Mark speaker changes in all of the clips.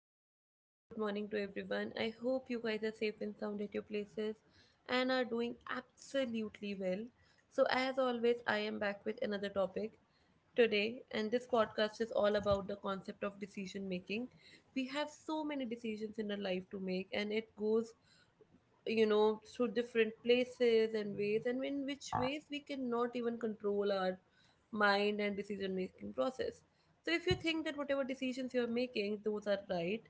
Speaker 1: very warm good morning to everyone. I hope you guys are safe and sound at your places and are doing absolutely well. So, as always, I am back with another topic today, and this podcast is all about the concept of decision making. We have so many decisions in our life to make, and it goes through different places and ways, and in which ways we cannot even control our mind and decision making process. So if you think that whatever decisions you are making, those are right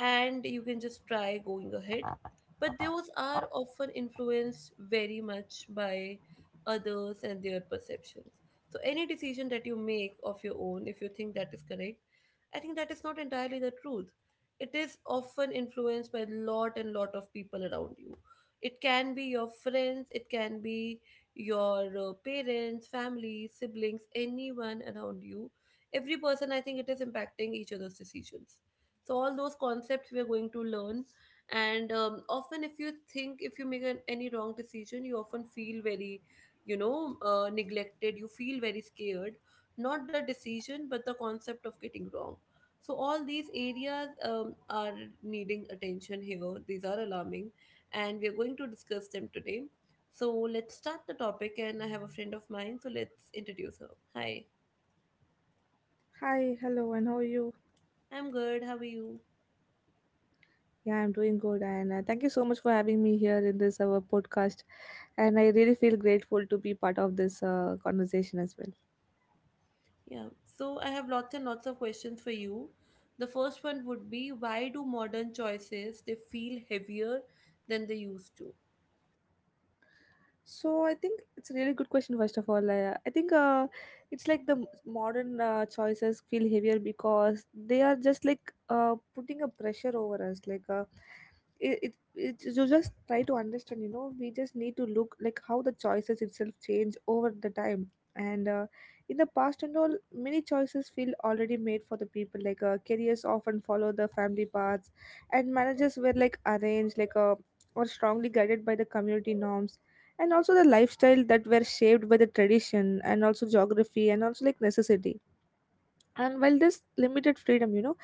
Speaker 1: and you can just try going ahead. But those are often influenced very much by others and their perceptions. So, any decision that you make of your own, if you think that is correct, I think that is not entirely the truth. It is often influenced by lot and lot of people around you. It can be your friends, it can be your parents, family, siblings, anyone around you. Every person, I think, it is impacting each other's decisions, so all those concepts we're going to learn. And often if you think if you make an, any wrong decision, you often feel very neglected, you feel very scared. Not the decision, but the concept of getting wrong. So all these areas are needing attention here, these are alarming, and we're going to discuss them today. So let's start the topic, and I have a friend of mine, so let's introduce her. Hi.
Speaker 2: Hi, hello, and how are you?
Speaker 1: I'm good, how are you?
Speaker 2: Yeah, I'm doing good, and thank you so much for having me here in this our podcast. And I really feel grateful to be part of this conversation as well.
Speaker 1: Yeah. So I have lots and lots of questions for you. The first one would be, why do modern choices they feel heavier than they used to?
Speaker 2: So I think it's a really good question. First of all, I think it's like the modern choices feel heavier because they are just like putting a pressure over us. It, it, it you just try to understand. You know, we just need to look like how the choices itself change over the time. And In the past and all, many choices feel already made for the people. Like careers often follow the family paths, and managers were like arranged, or strongly guided by the community norms, and also the lifestyle that were shaped by the tradition and also geography and also like necessity. And while this limited freedom, you know,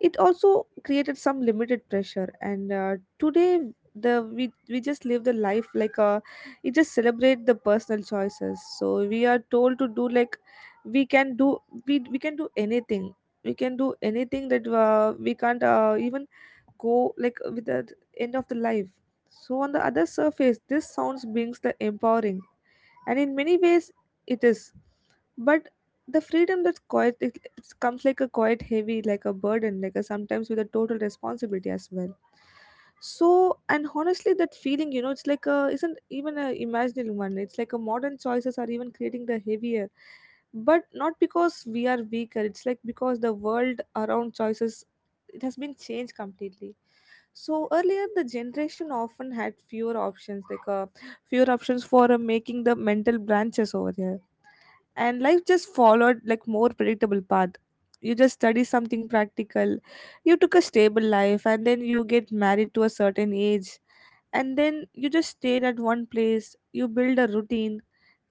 Speaker 2: it also created some limited pressure. And Today, the we just live the life it just celebrate the personal choices, so we are told to do like we can do, we can do anything, we can do anything that we can't even go like with the end of the life. So on the other surface, this sounds brings the empowering, and in many ways it is, but the freedom that's quite it comes like a quite heavy, like a burden, like a sometimes with a total responsibility as well. So and honestly, that feeling, you know, it's like a isn't even a imaginary one. It's like a modern choices are even creating the heavier, but not because we are weaker. It's like because the world around choices, it has been changed completely. So earlier the generation often had fewer options, like a fewer options for making the mental branches over here, and life just followed like more predictable path. You just study something practical, you took a stable life, and then you get married to a certain age, and then you just stayed at one place, you build a routine.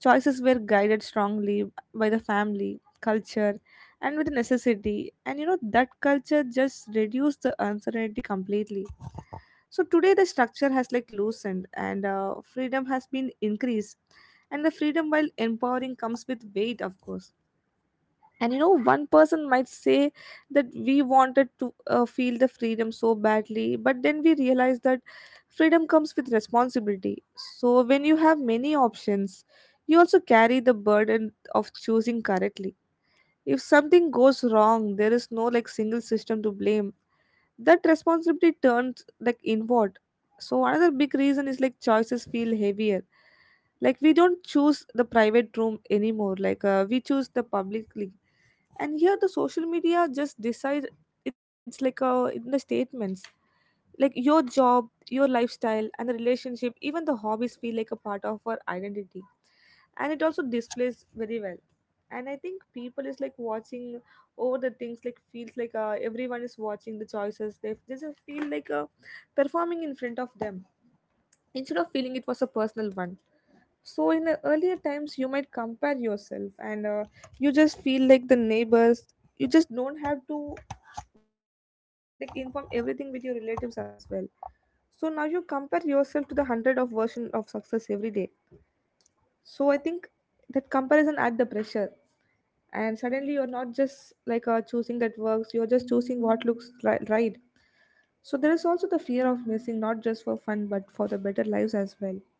Speaker 2: Choices were guided strongly by the family, culture, and with the necessity. And you know that culture just reduced the uncertainty completely. So today, the structure has like loosened, and freedom has been increased. And the freedom, while empowering, comes with weight, of course. And you know, one person might say that we wanted to feel the freedom so badly, but then we realize that freedom comes with responsibility. So when you have many options, you also carry the burden of choosing correctly. If something goes wrong, there is no like single system to blame. That responsibility turns like inward. So another big reason is like choices feel heavier, like we don't choose the private room anymore. Like we choose the publicly, and here the social media just decide. It's like in the statements, like your job, your lifestyle, and the relationship, even the hobbies feel like a part of our identity, and it also displays very well. And I think people is like watching over the things, like feels like everyone is watching the choices. They just feel like performing in front of them, instead of feeling it was a personal one. So in the earlier times, you might compare yourself, and you just feel like the neighbors, you just don't have to like inform everything with your relatives as well. So now you compare yourself to the hundred of version of success every day. So I think that comparison add the pressure, and suddenly you're not just like choosing that works, you're just choosing what looks right. So there is also the fear of missing, not just for fun but for the better lives as well.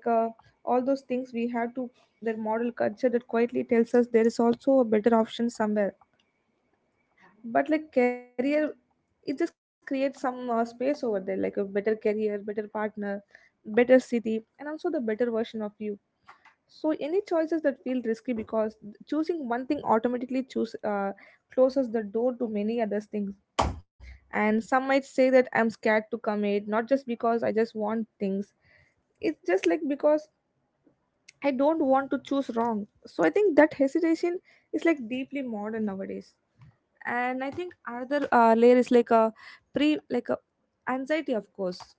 Speaker 2: like uh, all those things we have to, their model culture that quietly tells us there is also a better option somewhere. But like career, it just creates some space over there, like a better career, better partner, better city, and also the better version of you. So any choices that feel risky because choosing one thing automatically choose closes the door to many other things. And some might say that I'm scared to commit, not just because I just want things. It's just like because I don't want to choose wrong. So I think that hesitation is like deeply modern nowadays. And I think another layer is like a pre like a anxiety, of course.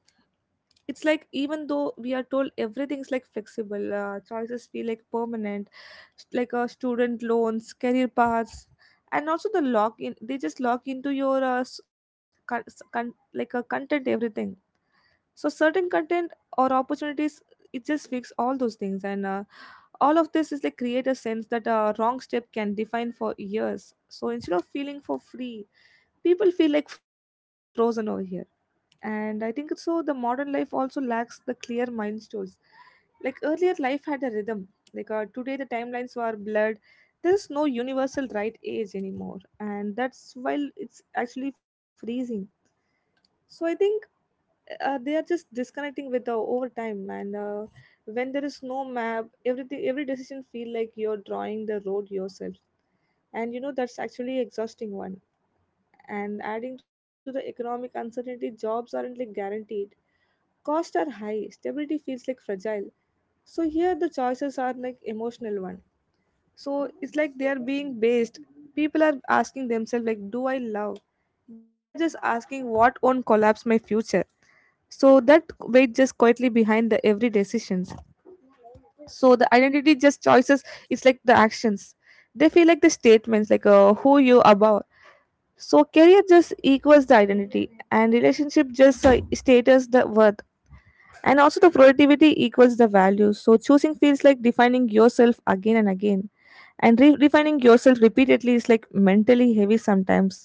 Speaker 2: It's like even though we are told everything's like flexible, choices feel like permanent. Like student loans, career paths, and also the lock in, they just lock into your like a content everything. So certain content or opportunities, it just fix all those things. And All of this is like create a sense that a wrong step can define for years. So instead of feeling for free, people feel like frozen over here. And I think so the modern life also lacks the clear milestones. Like earlier life had a rhythm. Like today the timelines were blurred. There's no universal right age anymore, and that's while it's actually freezing. So I think they are just disconnecting with the over time. And When there is no map, everything, every decision feel like you're drawing the road yourself, and you know that's actually exhausting one. And adding to the economic uncertainty, jobs aren't like guaranteed, costs are high, stability feels like fragile. So here the choices are like emotional one. So it's like they are being based. People are asking themselves like, do I love, they're just asking what won't collapse my future. So that weight just quietly behind the every decisions. So the identity just choices is like the actions, they feel like the statements, like who you above. So career just equals the identity, and relationship just status the worth. And also, the productivity equals the value. So, choosing feels like defining yourself again and again. And defining yourself repeatedly is like mentally heavy sometimes.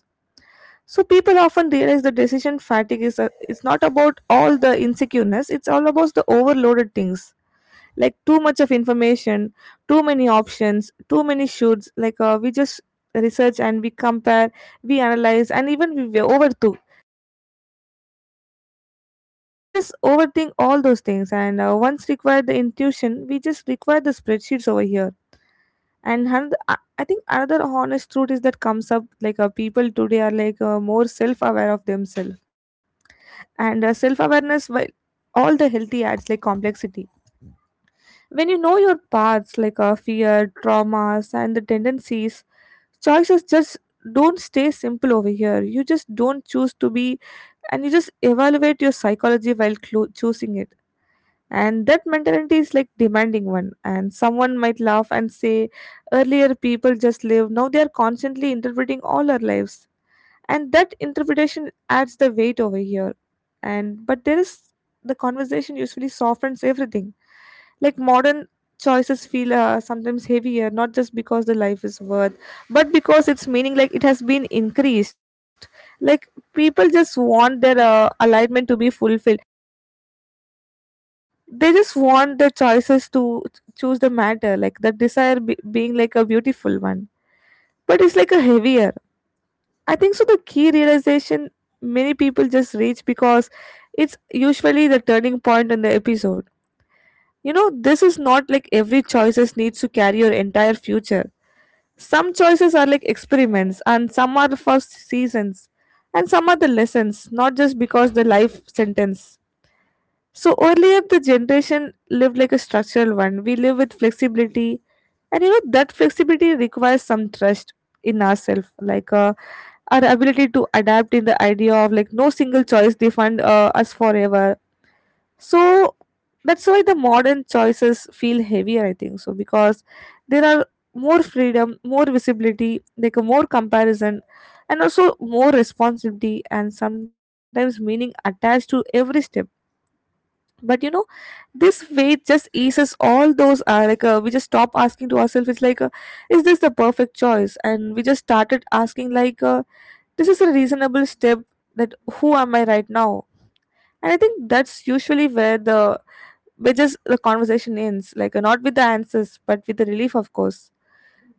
Speaker 2: So, people often realize the decision fatigue is it's not about all the insecureness, it's all about the overloaded things, like too much of information, too many options, too many shoots. Like, we just research and we compare, we analyze, and even we overthink, we just overthink all those things. And Once required the intuition, we just require the spreadsheets over here. And another, i I think another honest truth is that comes up like people today are like more self-aware of themselves. And Self-awareness, while all the healthy, adds like complexity. When you know your paths, like fear traumas and the tendencies, choices just don't stay simple over here. You just don't choose to be, and you just evaluate your psychology while choosing it. And that mentality is like demanding one. And someone might laugh and say, earlier people just live, now they are constantly interpreting all our lives, and that interpretation adds the weight over here. And but there is, the conversation usually softens everything. Like modern choices feel sometimes heavier, not just because the life is worth, but because its meaning, like, it has been increased. Like people just want their alignment to be fulfilled. They just want the choices to choose the matter, like the desire being like a beautiful one, but it's like a heavier. I think so the key realization many people just reach, because it's usually the turning point in the episode, you know, this is not like every choices needs to carry your entire future. Some choices are like experiments, and some are for seasons, and some are the lessons, not just because the life sentence. So earlier the generation lived like a structural one. We live with flexibility, and you know that flexibility requires some trust in ourselves, like our ability to adapt in the idea of like no single choice defined us forever. So that's why the modern choices feel heavier, I think. So because there are more freedom, more visibility, like a more comparison, and also more responsibility, and sometimes meaning attached to every step but this way just eases all those we just stop asking to ourselves it's is this the perfect choice and we just started asking this is a reasonable step that who am I right now. And I think that's usually where the where just the conversation ends, not with the answers but with the relief, of course,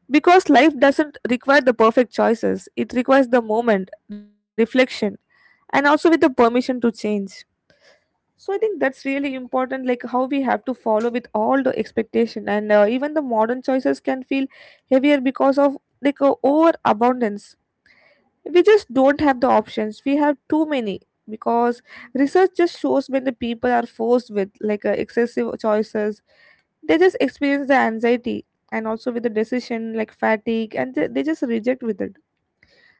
Speaker 2: because life doesn't require the perfect choices, it requires the moment reflection and also with the permission to change. So I think that's really important, like how we have to follow with all the expectation, and even the modern choices can feel heavier because of overabundance. We just don't have the options, we have too many, because research just shows when the people are forced with excessive choices, they just experience the anxiety and also with the decision like fatigue, and they just reject with it.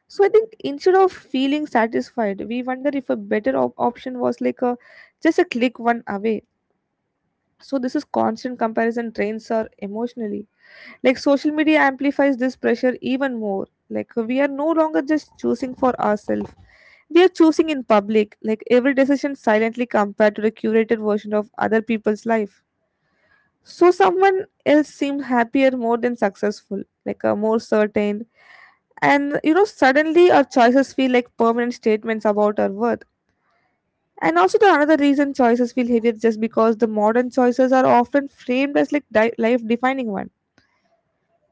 Speaker 2: So I think instead of feeling satisfied, we wonder if a better option was like a just a click one away. So this is constant comparison drains our emotionally. Like social media amplifies this pressure even more, like we are no longer just choosing for ourselves, we are choosing in public, like every decision silently compared to the curated version of other people's life. So someone else seems happier, more than successful, like a more certain, and you know, suddenly our choices feel like permanent statements about our worth. And also the another reason choices feel heavier is just because the modern choices are often framed as like life defining one.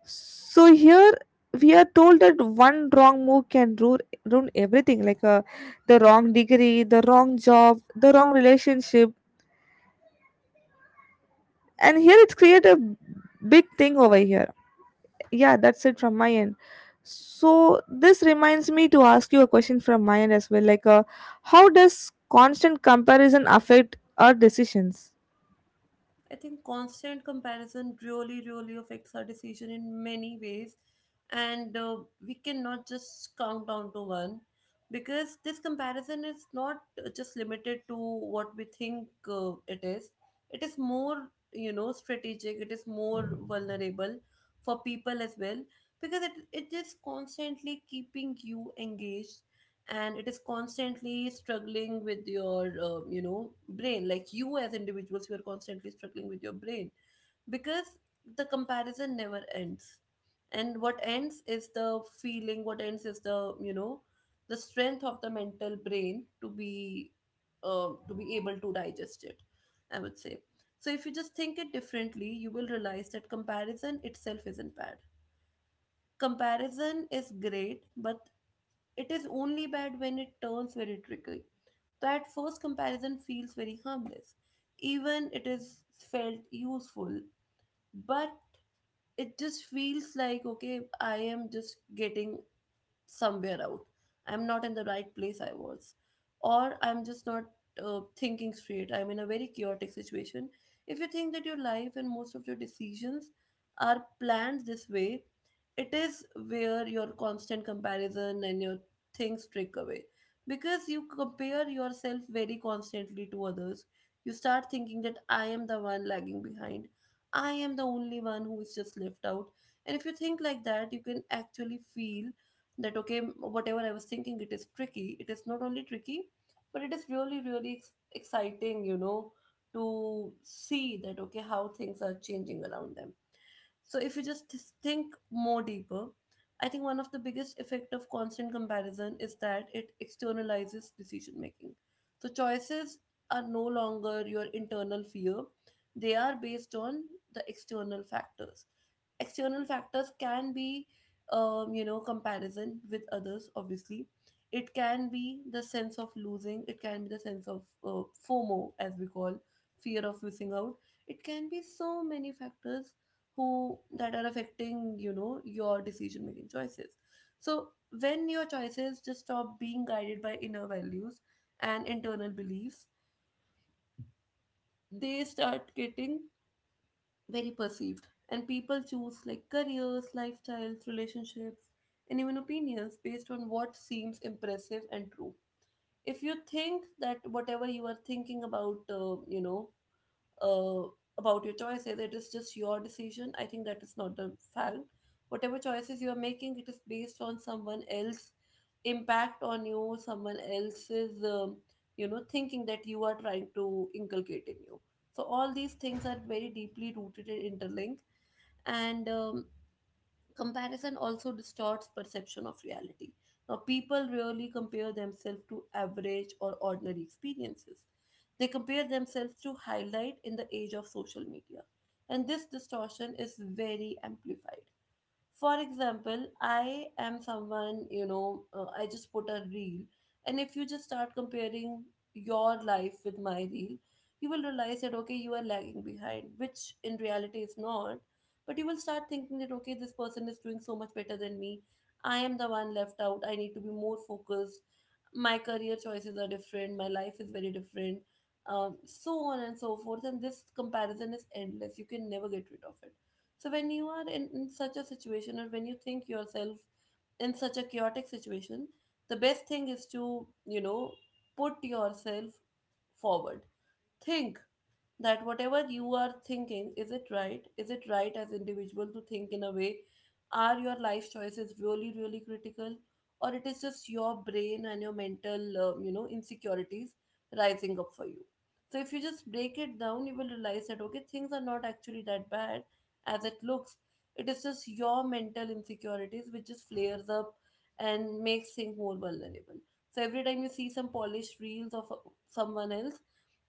Speaker 2: So here we are told that one wrong move can ruin everything, the wrong degree, the wrong job, the wrong relationship. And here it's create a big thing over here. Yeah, that's it from my end. So this reminds me to ask you a question from my end as well, how does constant comparison affect our decisions?
Speaker 1: I think constant comparison really, really affects our decision in many ways, and we cannot just count down to one because this comparison is not just limited to what we think it is. It is more, you know, strategic. It is more vulnerable for people as well because it is constantly keeping you engaged, and it is constantly struggling with your you know, brain. Like, you as individuals, you are constantly struggling with your brain because the comparison never ends. And what ends is the feeling, what ends is the, you know, the strength of the mental brain to be able to digest it, I would say. So if you just think it differently, you will realize that comparison itself isn't bad. Comparison is great, but it is only bad when it turns very tricky. That first comparison feels very harmless. Even it is felt useful, but it just feels like, okay, I am just getting somewhere out. I'm not in the right place I was. Or I'm just not thinking straight. I'm in a very chaotic situation. If you think that your life and most of your decisions are planned this way, it is where your constant comparison and your things trick away. Because you compare yourself very constantly to others, you start thinking that I am the one lagging behind. I am the only one who is just left out. And if you think like that, you can actually feel that, okay, whatever I was thinking, it is tricky. It is not only tricky, but it is really, really exciting, you know, to see that, okay, how things are changing around them. So if you just think more deeper, I think one of the biggest effect of constant comparison is that it externalizes decision making. So choices are no longer your internal fear. They are based on the external factors. External factors can be, you know, comparison with others, obviously. It can be the sense of losing, it can be the sense of FOMO, as we call, fear of missing out. It can be so many factors who that are affecting, you know, your decision making choices. So when your choices just stop being guided by inner values and internal beliefs, they start getting very perceived, and people choose like careers, lifestyles, relationships, and even opinions based on what seems impressive and true. If you think that whatever you are thinking about, you know, uh, about your choices, it is just your decision, I think that is not the fact. Whatever choices you are making, it is based on someone else's impact on you, someone else's, you know, thinking that you are trying to inculcate in you. So all these things are very deeply rooted and interlinked. And Comparison also distorts perception of reality. Now, people rarely compare themselves to average or ordinary experiences. They compare themselves to highlight in the age of social media. And this distortion is very amplified. For example, I am someone, you know, I just put a reel, and if you just start comparing your life with my reel, you will realize that, okay, you are lagging behind, which in reality is not. But you will start thinking that, okay, this person is doing so much better than me. I am the one left out. I need to be more focused. My career choices are different. My life is very different. So on and so forth. And this comparison is endless. You can never get rid of it. So when you are in such a situation, or when you think yourself in such a chaotic situation, the best thing is to, you know, put yourself forward. Think that whatever you are thinking, is it right? Is it right as individual to think in a way? Are your life choices really, really critical, or it is just your brain and your mental, you know, insecurities rising up for you? So if you just break it down, you will realize that, okay, things are not actually that bad as it looks. It is just your mental insecurities which just flares up and makes things more vulnerable. So every time you see some polished reels of someone else,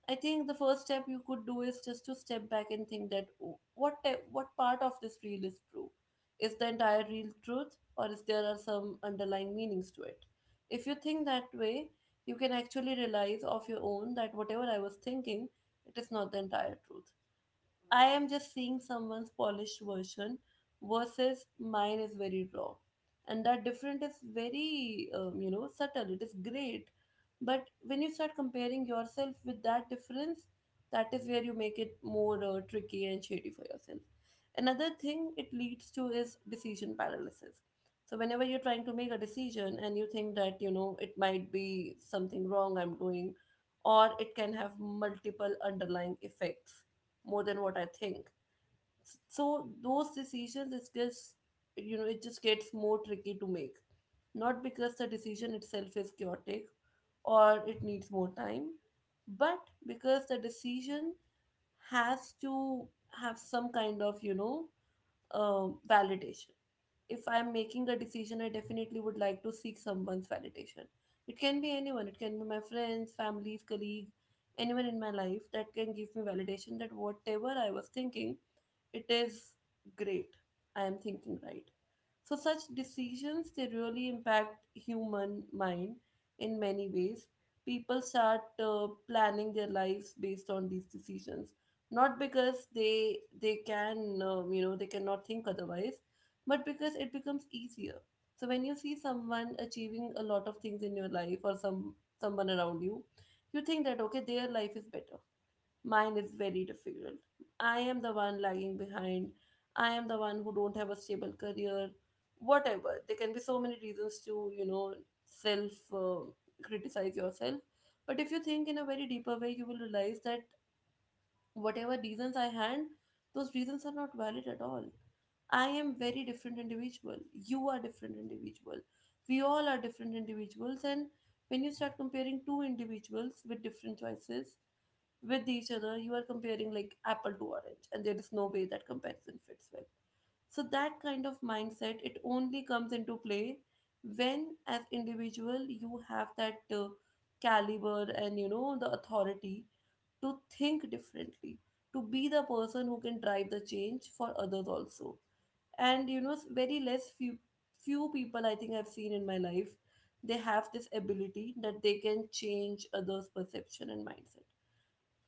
Speaker 1: I think the first step you could do is just to step back and think that, "Oh, what part of this reel is true? Is the entire real truth, or is there are some underlying meanings to it?" If you think that way, you can actually realize of your own that whatever I was thinking, it is not the entire truth. I am just seeing someone's polished version versus mine is very raw. And that difference is very, you know, subtle. It is great. But when you start comparing yourself with that difference, that is where you make it more tricky and shady for yourself. Another thing it leads to is decision paralysis. So, whenever you're trying to make a decision and you think that, you know, it might be something wrong I'm doing, or it can have multiple underlying effects more than what I think. So those decisions, it gets, you know, it just gets more tricky to make. Not because the decision itself is chaotic or it needs more time, but because the decision has to have some kind of, you know, validation. If I'm making a decision, I definitely would like to seek someone's validation. It can be anyone, it can be my friends, family, colleague, anyone in my life that can give me validation that whatever I was thinking, it is great. I am thinking right. So such decisions, they really impact human mind in many ways. People start planning their lives based on these decisions, not because they can, you know, they cannot think otherwise, but because it becomes easier. So when you see someone achieving a lot of things in your life, or some someone around you, you think that, okay, their life is better. Mine is very difficult. I am the one lagging behind. I am the one who don't have a stable career. Whatever. There can be so many reasons to, you know, self criticize yourself. But if you think in a very deeper way, you will realize that whatever reasons I had, those reasons are not valid at all. I am very different individual. You are different individual. We all are different individuals, and when you start comparing two individuals with different choices with each other, you are comparing like apple to orange, and there is no way that comparison fits well. So that kind of mindset, it only comes into play when, as individual, you have that caliber and, you know, the authority to think differently, to be the person who can drive the change for others also. And you know, very less few people I think I've seen in my life, they have this ability that they can change others' perception and mindset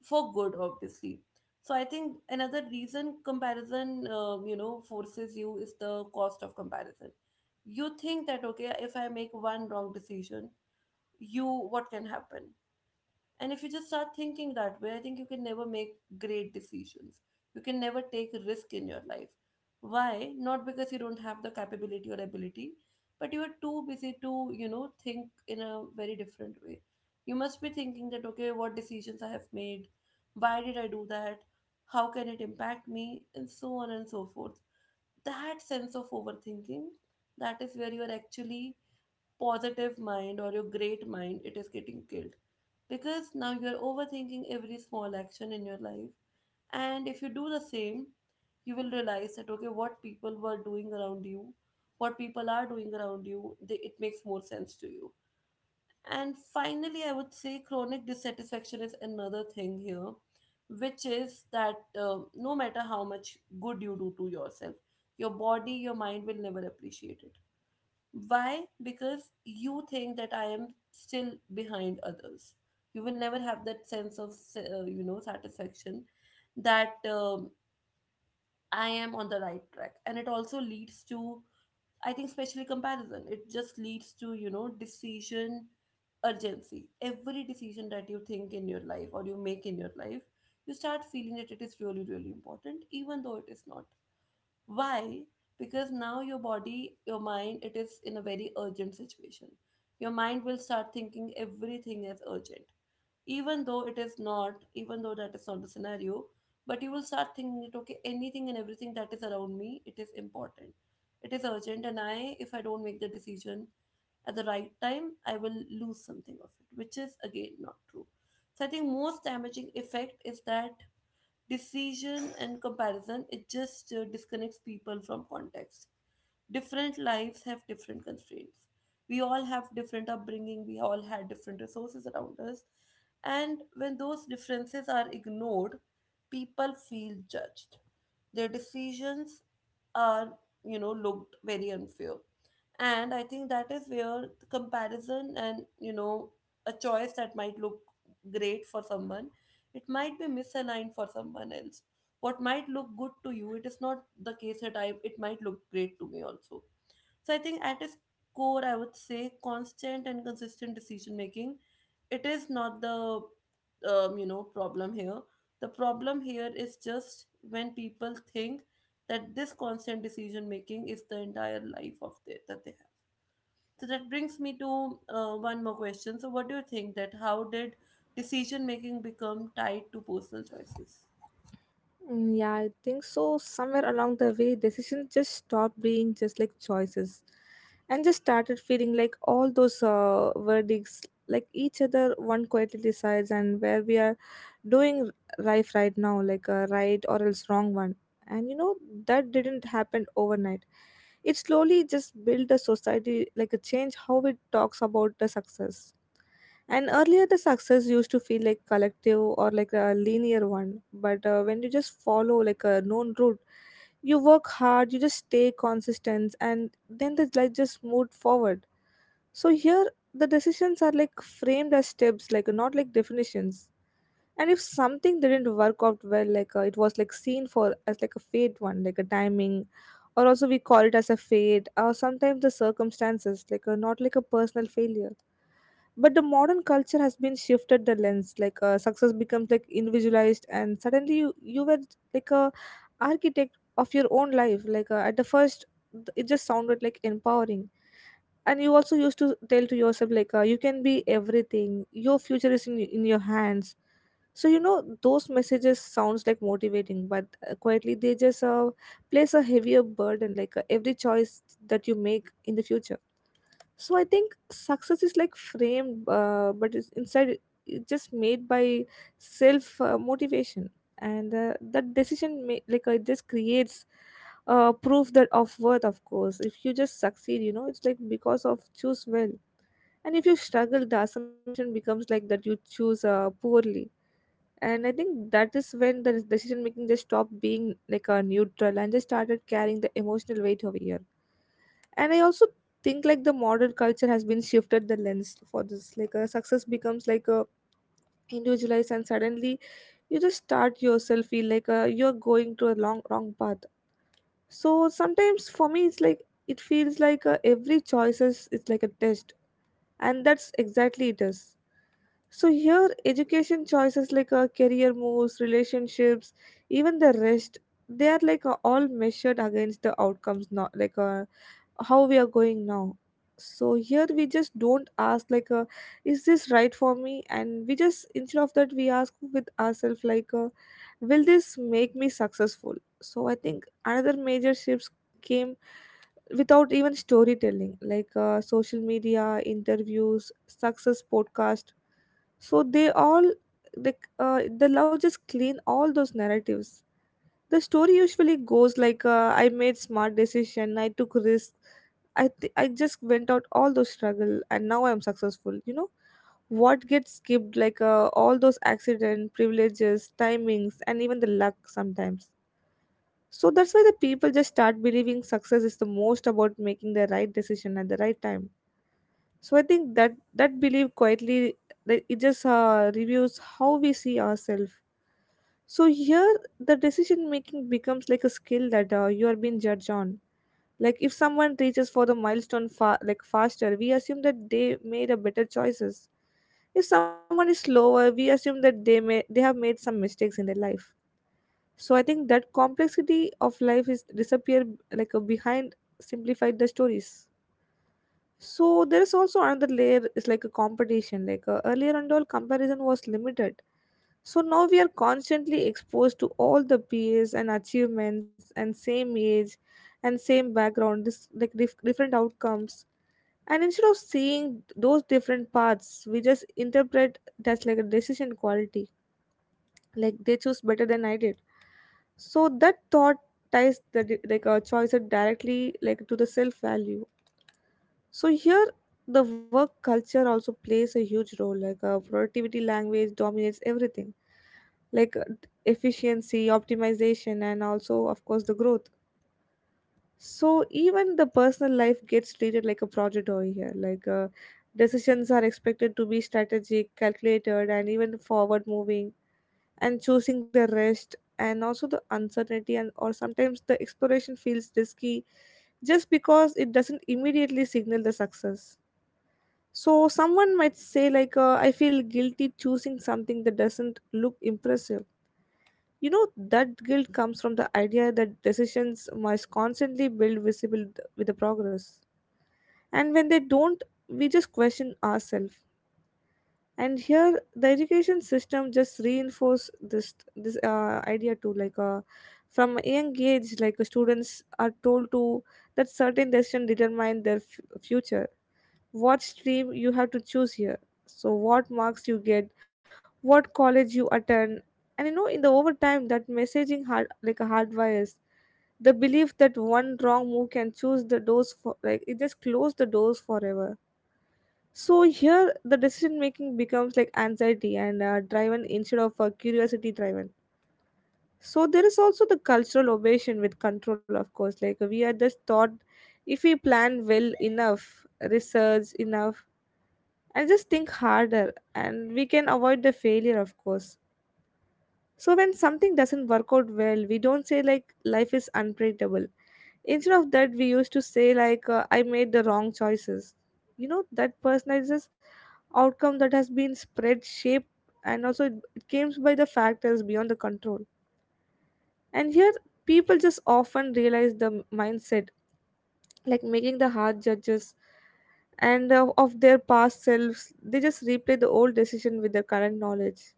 Speaker 1: for good, obviously. So I think another reason comparison, you know, forces you is the cost of comparison. You think that, okay, if I make one wrong decision, you what can happen? And if you just start thinking that way, I think you can never make great decisions. You can never take risk in your life. Why? Not because you don't have the capability or ability, but you are too busy to, you know, think in a very different way. You must be thinking that, okay, what decisions I have made, why did I do that, how can it impact me, and so on and so forth. That sense of overthinking, that is where you are actually positive mind or your great mind, it is getting killed. Because now you're overthinking every small action in your life. And if you do the same, you will realize that, okay, what people were doing around you, what people are doing around you, they, it makes more sense to you. And finally, I would say chronic dissatisfaction is another thing here, which is that no matter how much good you do to yourself, your body, your mind will never appreciate it. Why? Because you think that I am still behind others. You will never have that sense of, satisfaction that I am on the right track. And it also leads to, I think, especially comparison. It just leads to, you know, decision urgency. Every decision that you think in your life or you make in your life, you start feeling that it is really, really important, even though it is not. Why? Because now your body, your mind, it is in a very urgent situation. Your mind will start thinking everything is urgent. Even though it is not, even though that is not the scenario, but you will start thinking that, okay, anything and everything that is around me, it is important. It is urgent, and I, if I don't make the decision at the right time, I will lose something of it, which is again not true. So I think most damaging effect is that decision and comparison, it just disconnects people from context. Different lives have different constraints. We all have different upbringing, we all had different resources around us. And when those differences are ignored, people feel judged. Their decisions are, you know, looked very unfair. And I think that is where the comparison, and, you know, a choice that might look great for someone, it might be misaligned for someone else. What might look good to you, it is not the case that I it might look great to me also. So I think at its core, I would say constant and consistent decision making, it is not the problem here. The problem here is just when people think that this constant decision making is the entire life of their, that they have. So that brings me to one more question. So, what do you think, that how did decision making become tied to personal choices?
Speaker 2: Mm, yeah, I think so. Somewhere along the way, decisions just stopped being just like choices and just started feeling like all those verdicts, like each other, one quietly decides, and where we are doing life right now, like a right or else wrong one. And you know, that didn't happen overnight. It slowly just built a society, like a change how it talks about the success. And earlier, the success used to feel like collective or like a linear one. But when you just follow like a known route, you work hard, you just stay consistent, and then the like just moved forward. So here, the decisions are like framed as steps, like not like definitions. And if something didn't work out well, it was like seen for as like a fate one, like a timing, or also we call it as a fate, or sometimes the circumstances, not like a personal failure. But the modern culture has been shifted the lens success becomes like individualized, and suddenly you were like a architect of your own life, at the first it just sounded like empowering. And you also used to tell to yourself you can be everything, your future is in your hands. So you know those messages sounds like motivating, but quietly they just place a heavier burden, every choice that you make in the future. So I think success is like framed but it's inside, it's just made by self motivation. And that decision it just creates proof that of worth, of course. If you just succeed, you know, it's like because of choose well, and if you struggle, the assumption becomes like that you choose poorly. And I think that is when the decision making just stopped being like a neutral and just started carrying the emotional weight over here. And I also think like the modern culture has been shifted the lens for this like a success becomes like a individualized, and suddenly you just start yourself feel you're going to a long wrong path. So sometimes for me it's like it feels every choices is like a test, and that's exactly it is. So here education choices, career moves, relationships, even the rest, they are all measured against the outcomes, not how we are going now. So here we just don't ask is this right for me, and we just instead of that we ask with ourselves will this make me successful. So I think another major shifts came without even storytelling, social media interviews success podcast. So they all the love just clean all those narratives. The story usually goes like, I made smart decision, I took risk, I just went out all those struggle, and now I'm successful. You know what gets skipped, all those accident, privileges, timings, and even the luck sometimes. So that's why the people just start believing success is the most about making the right decision at the right time. So I think that belief quietly like, it just reviews how we see ourselves. So here, the decision making becomes like a skill that you are being judged on. Like if someone reaches for the milestone like faster, we assume that they made a better choices. If someone is slower, we assume that they have made some mistakes in their life. So I think that complexity of life is disappear like a behind simplified the stories. So there is also another layer is like a competition. Earlier and all comparison was limited, so now we are constantly exposed to all the peers and achievements and same age and same background, this like different outcomes. And instead of seeing those different paths, we just interpret that's like a decision quality, like they choose better than I did. So that thought ties the like a choice directly like to the self value. So here the work culture also plays a huge role, like a productivity language dominates everything, like uh, efficiency, optimization, and also, of course, the growth. So even the personal life gets treated like a project over here. Decisions are expected to be strategic, calculated, and even forward moving, and choosing the rest and also the uncertainty and or sometimes the exploration feels risky just because it doesn't immediately signal the success. So someone might say I feel guilty choosing something that doesn't look impressive. You know, that guilt comes from the idea that decisions must constantly build visible with the progress. And when they don't, we just question ourselves. And here, the education system just reinforce this idea too. Like, from a young age, students are told to that certain decision determine their future. What stream you have to choose here, so what marks you get, what college you attend. And you know, in the overtime that messaging hard like a hardwires the belief that one wrong move can choose the doors for like it just close the doors forever. So here the decision making becomes like anxiety and driven instead of curiosity driven. So there is also the cultural obsession with control, of course, like we are just taught if we plan well enough, research enough, and just think harder, and we can avoid the failure, of course. So when something doesn't work out well, we don't say like life is unpredictable. Instead of that, we used to say I made the wrong choices. You know that personalizes outcome that has been spread shaped, and also it came by the factors beyond the control. And here people just often realize the mindset like making the hard judges, and of their past selves, they just replay the old decision with their current knowledge,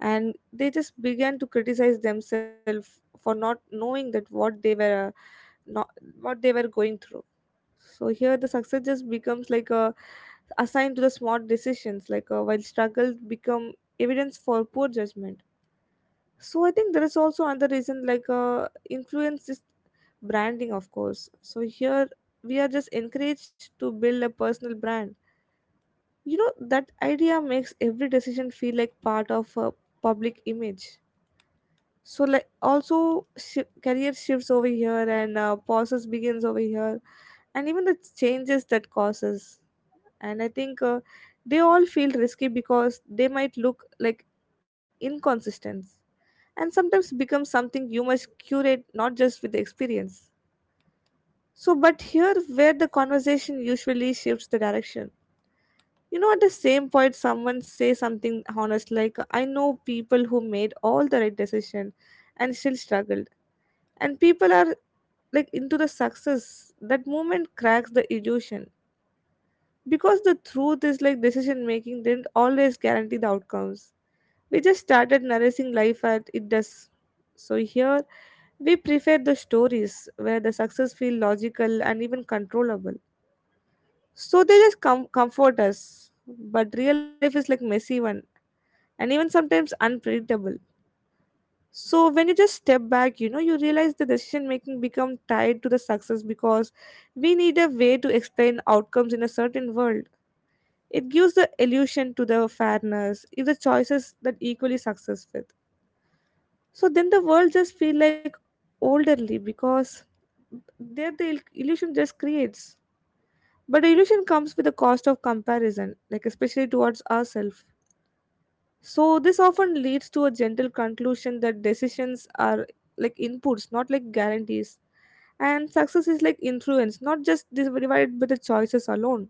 Speaker 2: and they just began to criticize themselves for not knowing that what they were not what they were going through. So here the success just becomes like a assigned to the smart decisions, while struggle become evidence for poor judgment. So I think there is also another reason influence is branding, of course. So here we are just encouraged to build a personal brand. You know that idea makes every decision feel like part of a public image. So like also shi career shifts over here and pauses begins over here, and even the changes that causes. And I think they all feel risky because they might look like inconsistent, and sometimes becomes something you must curate not just with the experience. So, but here where the conversation usually shifts the direction. You know, at the same point, someone say something honest like, "I know people who made all the right decision, and still struggled." And people are like into the success. That moment cracks the illusion, because the truth is like decision making didn't always guarantee the outcomes. We just started nourishing life at it does. So here we prefer the stories where the success feel logical and even controllable. So they just comfort us. But real life is like messy one and even sometimes unpredictable. So when you just step back, you know, you realize the decision making become tied to the success because we need a way to explain outcomes in a certain world. It gives the illusion to the fairness if the choices that equally successful. So then the world just feel like elderly because there the illusion just creates, but the illusion comes with the cost of comparison, like especially towards ourselves. So this often leads to a gentle conclusion that decisions are like inputs, not like guarantees, and success is like influence, not just divided by the choices alone.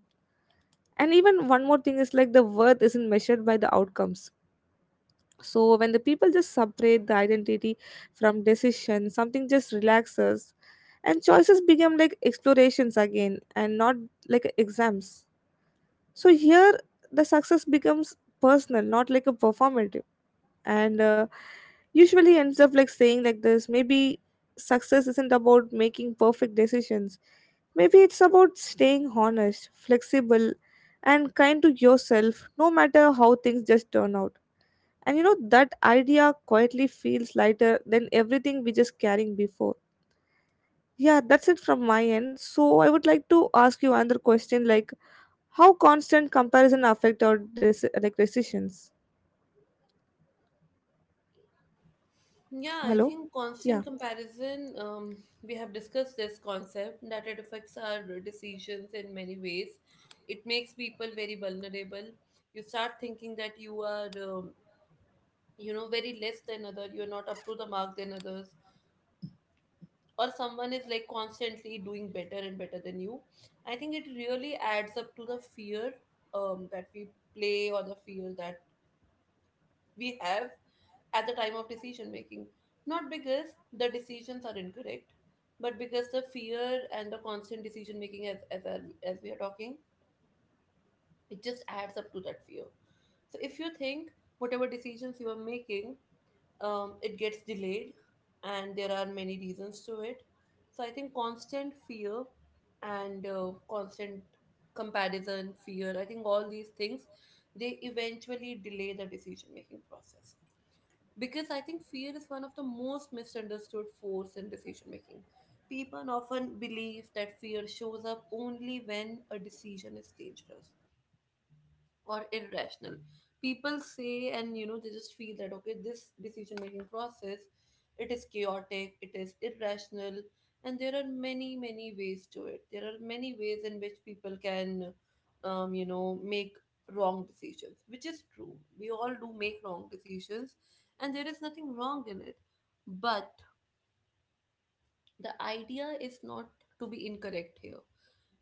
Speaker 2: And even one more thing is like the worth isn't measured by the outcomes. So when the people just separate the identity from decision, something just relaxes, and choices become like explorations again, and not like exams. So here the success becomes personal, not like a performative, and usually ends up like saying like this. Maybe success isn't about making perfect decisions. Maybe it's about staying honest, flexible, and kind to yourself, no matter how things just turn out. And you know, that idea quietly feels lighter than everything we just carrying before. Yeah, that's it from my end. So I would like to ask you another question like how constant comparison affect our like decisions?
Speaker 1: Yeah, I
Speaker 2: Hello?
Speaker 1: think
Speaker 2: Yeah.
Speaker 1: constant comparison, we have discussed this concept that it affects our decisions in many ways. It makes people very vulnerable. You start thinking that you are, very less than other. You're not up to the mark than others. Or someone is like constantly doing better and better than you. I think it really adds up to the fear, that we play, or the fear that we have at the time of decision making. Not because the decisions are incorrect, but because the fear and the constant decision making, as as we are talking, it just adds up to that fear. So if you think whatever decisions you are making, it gets delayed, and there are many reasons to it. So I think constant fear and constant comparison fear, I think all these things, they eventually delay the decision making process. Because I think fear is one of the most misunderstood force in decision making. People often believe that fear shows up only when a decision is dangerous or irrational. People say, and you know, they just feel that, okay, this decision making process, it is chaotic, it is irrational. And there are many many ways to it. There are many ways in which people can make wrong decisions, which is true. We all do make wrong decisions, and there is nothing wrong in it. But the idea is not to be incorrect here.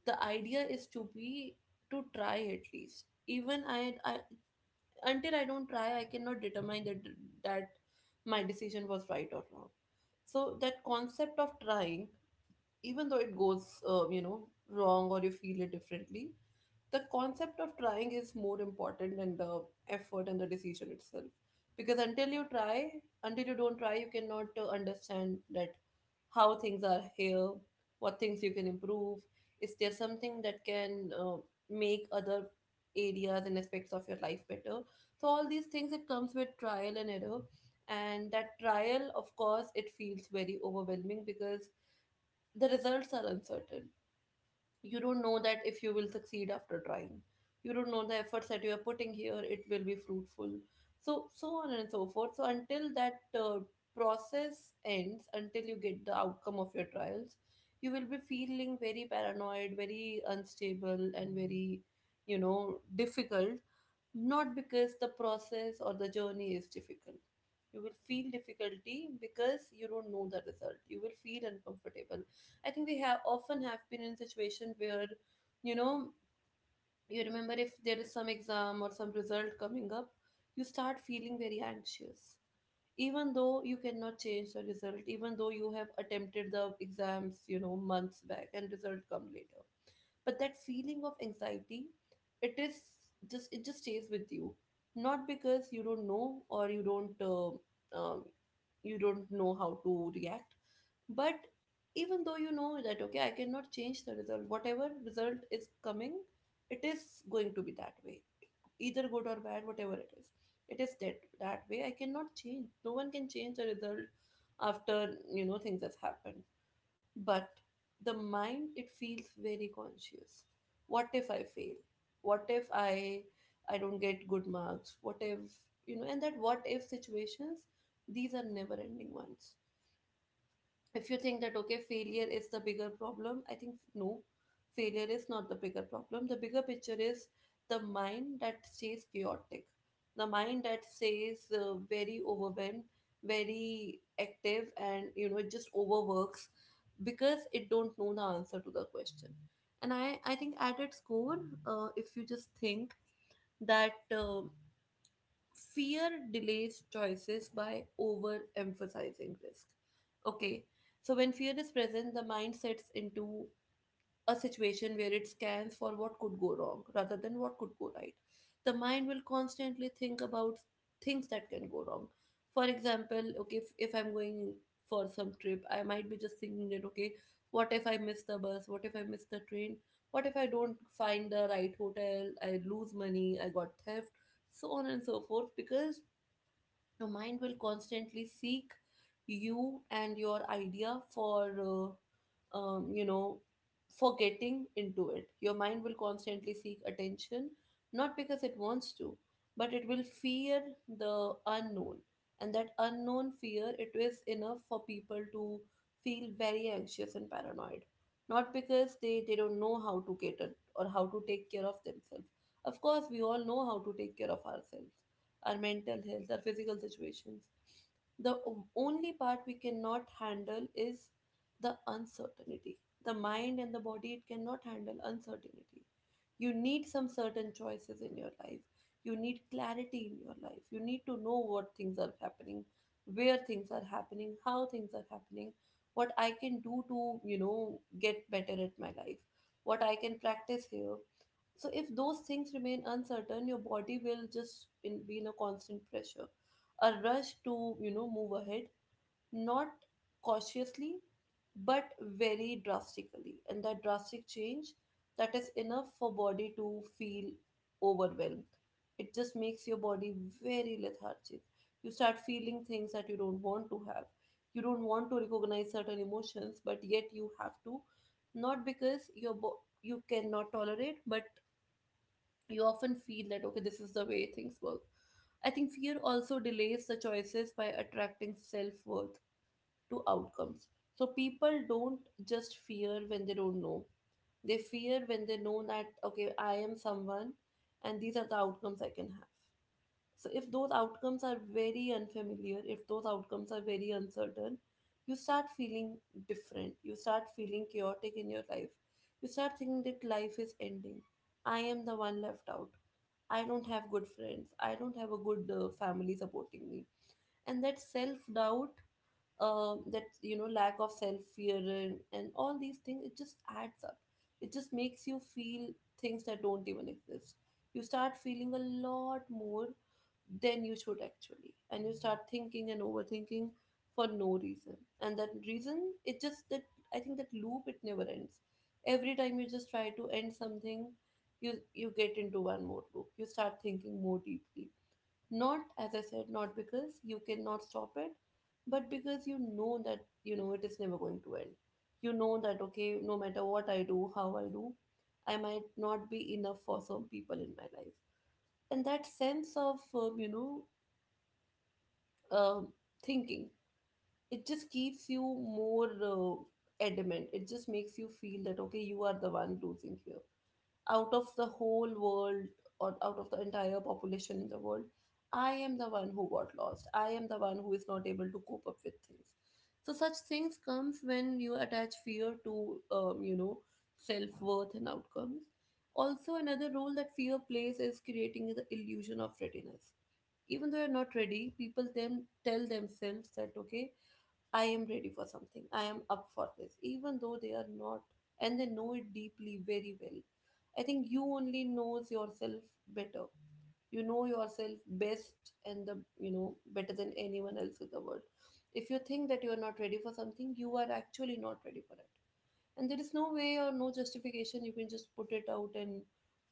Speaker 1: The idea is to be, to try at least. Even I until I don't try, I cannot determine that that my decision was right or wrong. So that concept of trying, even though it goes, wrong, or you feel it differently, the concept of trying is more important than the effort and the decision itself. Because until you try, until you don't try, you cannot understand that how things are here, what things you can improve. Is there something that can make other areas and aspects of your life better? So all these things, it comes with trial and error, and that trial, of course, it feels very overwhelming because the results are uncertain. You don't know that if you will succeed after trying. You don't know the efforts that you are putting here, it will be fruitful. So so on and so forth. So until that process ends, until you get the outcome of your trials, you will be feeling very paranoid, very unstable, and very, you know, difficult. Not because the process or the journey is difficult. You will feel difficulty because you don't know the result. You will feel uncomfortable. I think we have often have been in situation where, you know, you remember if there is some exam or some result coming up, you start feeling very anxious. Even though you cannot change the result, even though you have attempted the exams, you know, months back, and result come later, but that feeling of anxiety, it is, just stays with you. Not because you don't know, or um, you don't know how to react, but even though you know that, okay, I cannot change the result, whatever result is coming, it is going to be that way, either good or bad, whatever it is, it is that way. I cannot change, no one can change the result after, you know, things has happened. But the mind, it feels very conscious. What if I fail? What if I don't get good marks? What if, you know? And that what if situations, these are never ending ones. If you think that, okay, failure is the bigger problem, I think no. Failure is not the bigger problem. The bigger picture is the mind that stays chaotic, the mind that stays very overwhelmed, very active, and you know, it just overworks because it don't know the answer to the question. And I think at its core, if you just think that fear delays choices by overemphasizing risk. Okay, so when fear is present, the mind sets into a situation where it scans for what could go wrong rather than what could go right. The mind will constantly think about things that can go wrong. For example, okay, if I'm going for some trip, I might be just thinking that, okay, what if I miss the bus? What if I miss the train? What if I don't find the right hotel? I lose money, I got theft, so on and so forth, because your mind will constantly seek you and your idea for uh, um, you know for getting into it. Your mind will constantly seek attention, not because it wants to, but it will fear the unknown. And that unknown fear, it is enough for people to feel very anxious and paranoid. Not because they don't know how to cater, or how to take care of themselves. Of course, we all know how to take care of ourselves, our mental health, our physical situations. The o- only part we cannot handle is the uncertainty. The mind and the body, it cannot handle uncertainty. You need some certain choices in your life. You need clarity in your life. You need to know what things are happening, where things are happening, how things are happening, what I can do to, you know, get better at my life, what I can practice here. So if those things remain uncertain, your body will just in, be in a constant pressure, a rush to, you know, move ahead, not cautiously, but very drastically. And that drastic change, that is enough for body to feel overwhelmed. It just makes your body very lethargic. You start feeling things that you don't want to have. You don't want to recognize certain emotions, but yet you have to, not because you cannot tolerate, but you often feel that, okay, this is the way things work. I think fear also delays the choices by attracting self-worth to outcomes. So people don't just fear when they don't know, they fear when they know that, okay, I am someone, and these are the outcomes I can have. So if those outcomes are very unfamiliar, if those outcomes are very uncertain, you start feeling different. You start feeling chaotic in your life. You start thinking that life is ending. I am the one left out. I don't have good friends. I don't have a good family supporting me. And that self doubt, that lack of self fear, and all these things, it just adds up. It just makes you feel things that don't even exist. You start feeling a lot more than you should, actually, and you start thinking and overthinking for no reason, and that reason, it just that. I think that loop, it never ends. Every time you just try to end something, you get into one more loop, you start thinking more deeply. Not, as I said, not because you cannot stop it, but because you know that you know it is never going to end. You know that, okay, no matter what I do, how I do, I might not be enough for some people in my life. And that sense of um thinking. It just keeps you more adamant. It just makes you feel that, okay, you are the one losing here out of the whole world, or out of the entire population in the world. I am the one who got lost. I am the one who is not able to cope up with things. So such things comes when you attach fear to self-worth and outcomes. Also, another role that fear plays is creating the illusion of readiness. Even though you're not ready, people then tell themselves that, okay, I am ready for something. I am up for this, even though they are not, and they know it deeply, very well. I think you only knows yourself better. You know yourself best, and the you know better than anyone else in the world. If you think that you are not ready for something, you are actually not ready for it. And there is no way or no justification you can just put it out and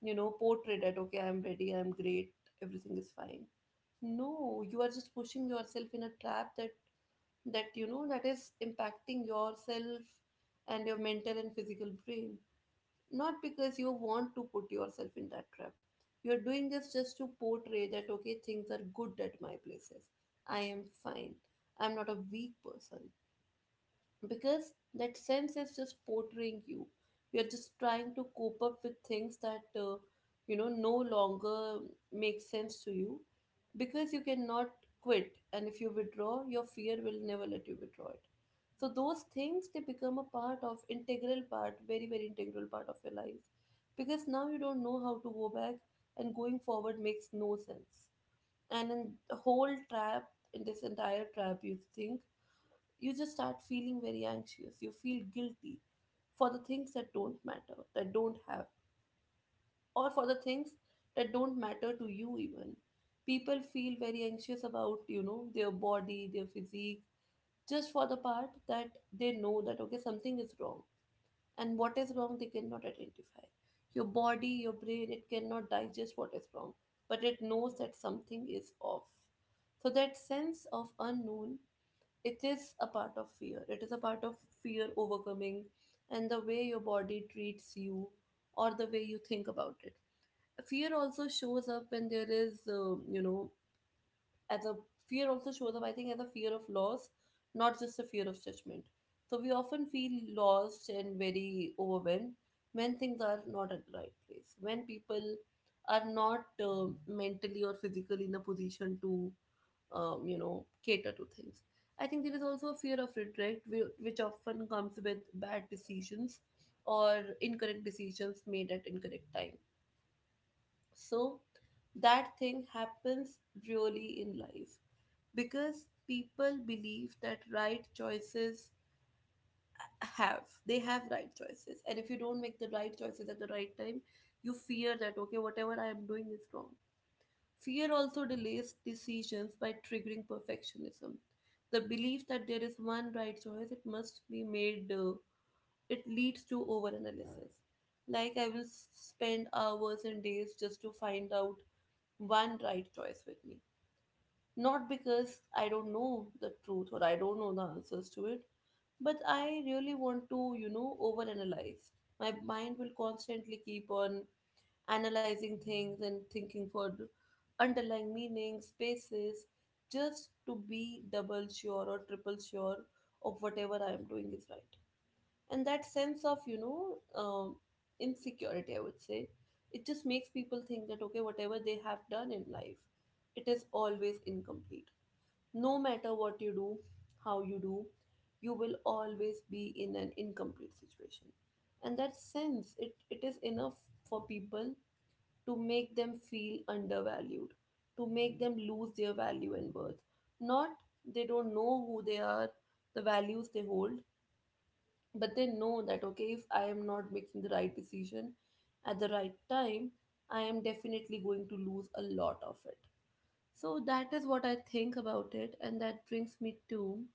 Speaker 1: portray that, okay, I'm ready, I'm great, everything is fine. No, you are just pushing yourself in a trap that is impacting yourself and your mental and physical brain. Not because you want to put yourself in that trap, you're doing this just to portray that, okay, things are good at my places. I am fine. I'm not a weak person. Because that sense is just portraying you're just trying to cope up with things that no longer make sense to you. Because you cannot quit, and if you withdraw, your fear will never let you withdraw it. So those things, they become a part of integral part, very very integral part of your life. Because now you don't know how to go back, and going forward makes no sense. And in the whole trap, in this entire trap, you think you just start feeling very anxious. You feel guilty for the things that don't matter, that don't have, or for the things that don't matter to you, even. People feel very anxious about their body, their physique, just for the part that they know that, okay, something is wrong. And what is wrong, they cannot identify. Your body, your brain, it cannot digest what is wrong, but it knows that something is off. So that sense of unknown, it is a part of fear. It is a part of fear overcoming, and the way your body treats you or the way you think about it. Fear also shows up when there is, as a fear also shows up, I think, as a fear of loss, not just a fear of judgment. So we often feel lost and very overwhelmed when things are not at the right place, when people are not mentally or physically in a position to cater to things. I think there is also a fear of regret, which often comes with bad decisions or incorrect decisions made at incorrect time. So that thing happens really in life because people believe that right choices have they have right choices, and if you don't make the right choices at the right time, you fear that, okay, whatever I am doing is wrong. Fear also delays decisions by triggering perfectionism. The belief that there is one right choice, it must be made, it leads to overanalysis. Like, I will spend hours and days just to find out one right choice with me. Not because I don't know the truth or I don't know the answers to it, but I really want to, overanalyze. My mind will constantly keep on analyzing things and thinking for underlying meanings, spaces, just to be double sure or triple sure of whatever I am doing is right. And that sense of, insecurity, I would say, it just makes people think that, okay, whatever they have done in life, it is always incomplete. No matter what you do, how you do, you will always be in an incomplete situation, and that sense it is enough for people to make them feel undervalued, to make them lose their value and worth. Not, they don't know who they are, the values they hold, but they know that, okay, if I am not making the right decision at the right time, I am definitely going to lose a lot of it. So that is what I think about it, and that brings me to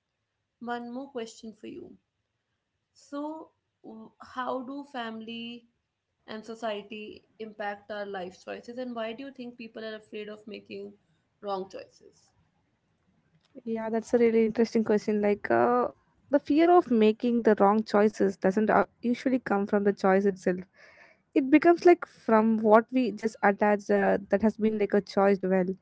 Speaker 1: one more question for you. So, how do family and society impact our life choices, and why do you think people are afraid of making wrong choices?
Speaker 2: Yeah, that's a really interesting question. The fear of making the wrong choices doesn't usually come from the choice itself. It becomes like from what we just attached that has been like a choice well.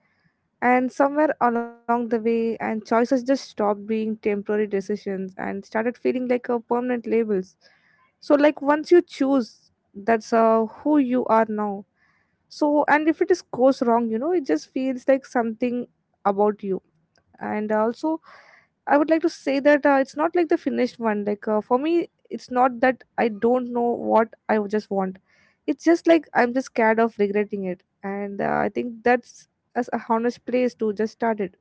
Speaker 2: And somewhere along the way, and choices just stopped being temporary decisions and started feeling like a permanent labels. So, like once you choose, that's who you are now. So, and if it is goes wrong, you know, it just feels like something about you. And also, I would like to say that it's not like the finished one. For me, it's not that I don't know what I would just want. It's just like I'm just scared of regretting it, and I think that's as a honest place to just start it.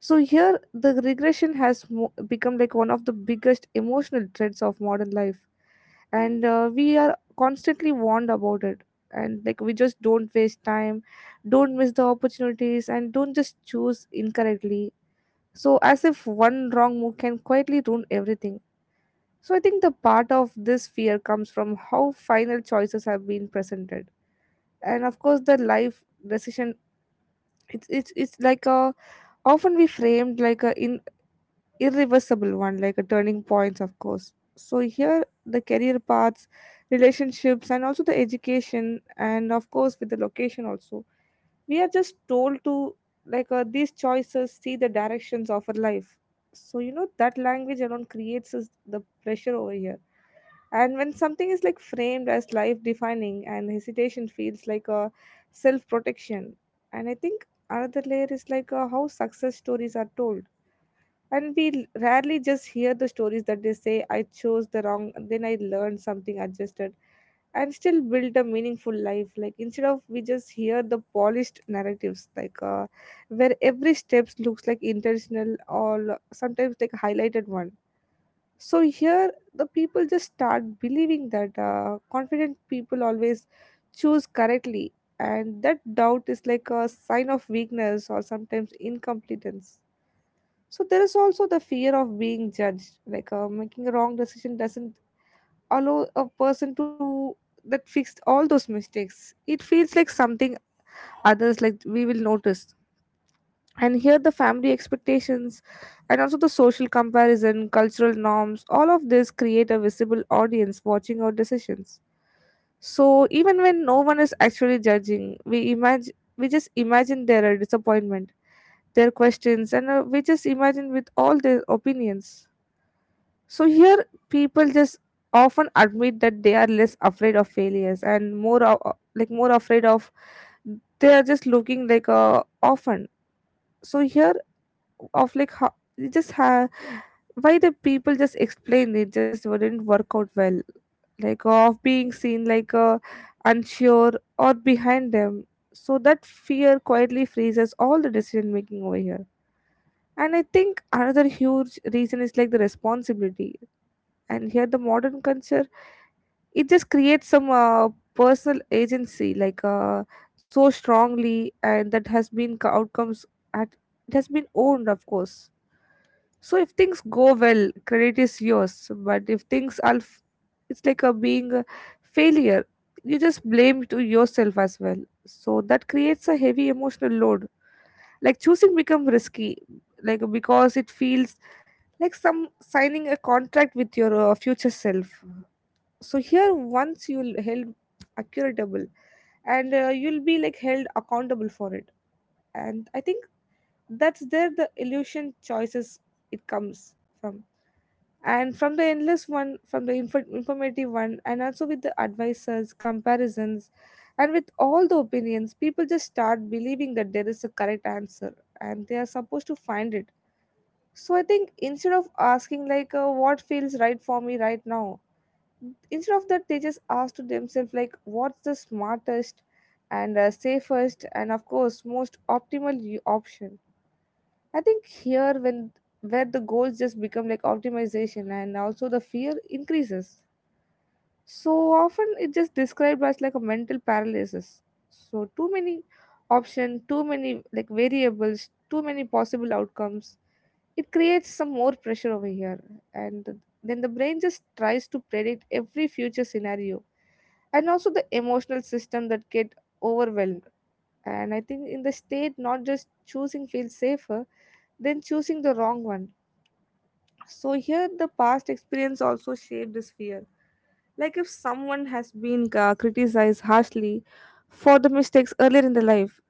Speaker 2: So here, the regression has become like one of the biggest emotional threats of modern life, and we are constantly warned about it. And like we just don't waste time, don't miss the opportunities, and don't just choose incorrectly. So as if one wrong move can quietly ruin everything. So I think the part of this fear comes from how final choices have been presented, and of course the life decision. It's like a often we framed like a in irreversible one, like a turning points, of course. So here the career paths, relationships, and also the education, and of course with the location also. We are just told to these choices see the directions of our life. So you know that language alone creates us the pressure over here. And when something is like framed as life defining, and hesitation feels like a self protection. And I think another layer is like how success stories are told, and we rarely just hear the stories that they say I chose the wrong, then I learned something adjusted and still built a meaningful life, like instead of we just hear the polished narratives where every steps looks like intentional or sometimes like highlighted one. So here the people just start believing that confident people always choose correctly, and that doubt is like a sign of weakness or sometimes incompetence. So there is also the fear of being judged, like making a wrong decision doesn't allow a person to that fixed all those mistakes. It feels like something others like we will notice. And here the family expectations and also the social comparison, cultural norms, all of this create a visible audience watching our decisions. So even when no one is actually judging, we just imagine their disappointment, their questions, and we just imagine with all their opinions. So here, people just often admit that they are less afraid of failures and more of, like more afraid of they are just looking like often. So here, of like how it just ha why the people just explain it just wouldn't work out well, like of being seen like unsure or behind them. So that fear quietly freezes all the decision making over here. And I think another huge reason is like the responsibility, and here the modern culture, it just creates some personal agency, like so strongly, and that has been outcomes at it has been owned, of course. So if things go well, credit is yours. But if things are, it's like a being a failure. You just blame to yourself as well. So that creates a heavy emotional load. Like choosing become risky, like because it feels like some signing a contract with your future self. So here once you'll held accountable, and you'll be like held accountable for it. And I think that's there the illusion choices, it comes from, and from the endless one, from the informative one, and also with the advisors comparisons, and with all the opinions people just start believing that there is a correct answer and they are supposed to find it. So I think instead of asking like what feels right for me right now, instead of that they just ask to themselves like what's the smartest and safest and of course most optimal option. I think here when where the goals just become like optimization, and also the fear increases. So often it just described as like a mental paralysis. So too many option, too many like variables, too many possible outcomes, it creates some more pressure over here. And then the brain just tries to predict every future scenario, and also the emotional system that get overwhelmed. And I think in the state not just choosing feels safer than choosing the wrong one. So here the past experience also shaped this fear, like if someone has been criticized harshly for the mistakes earlier in the life,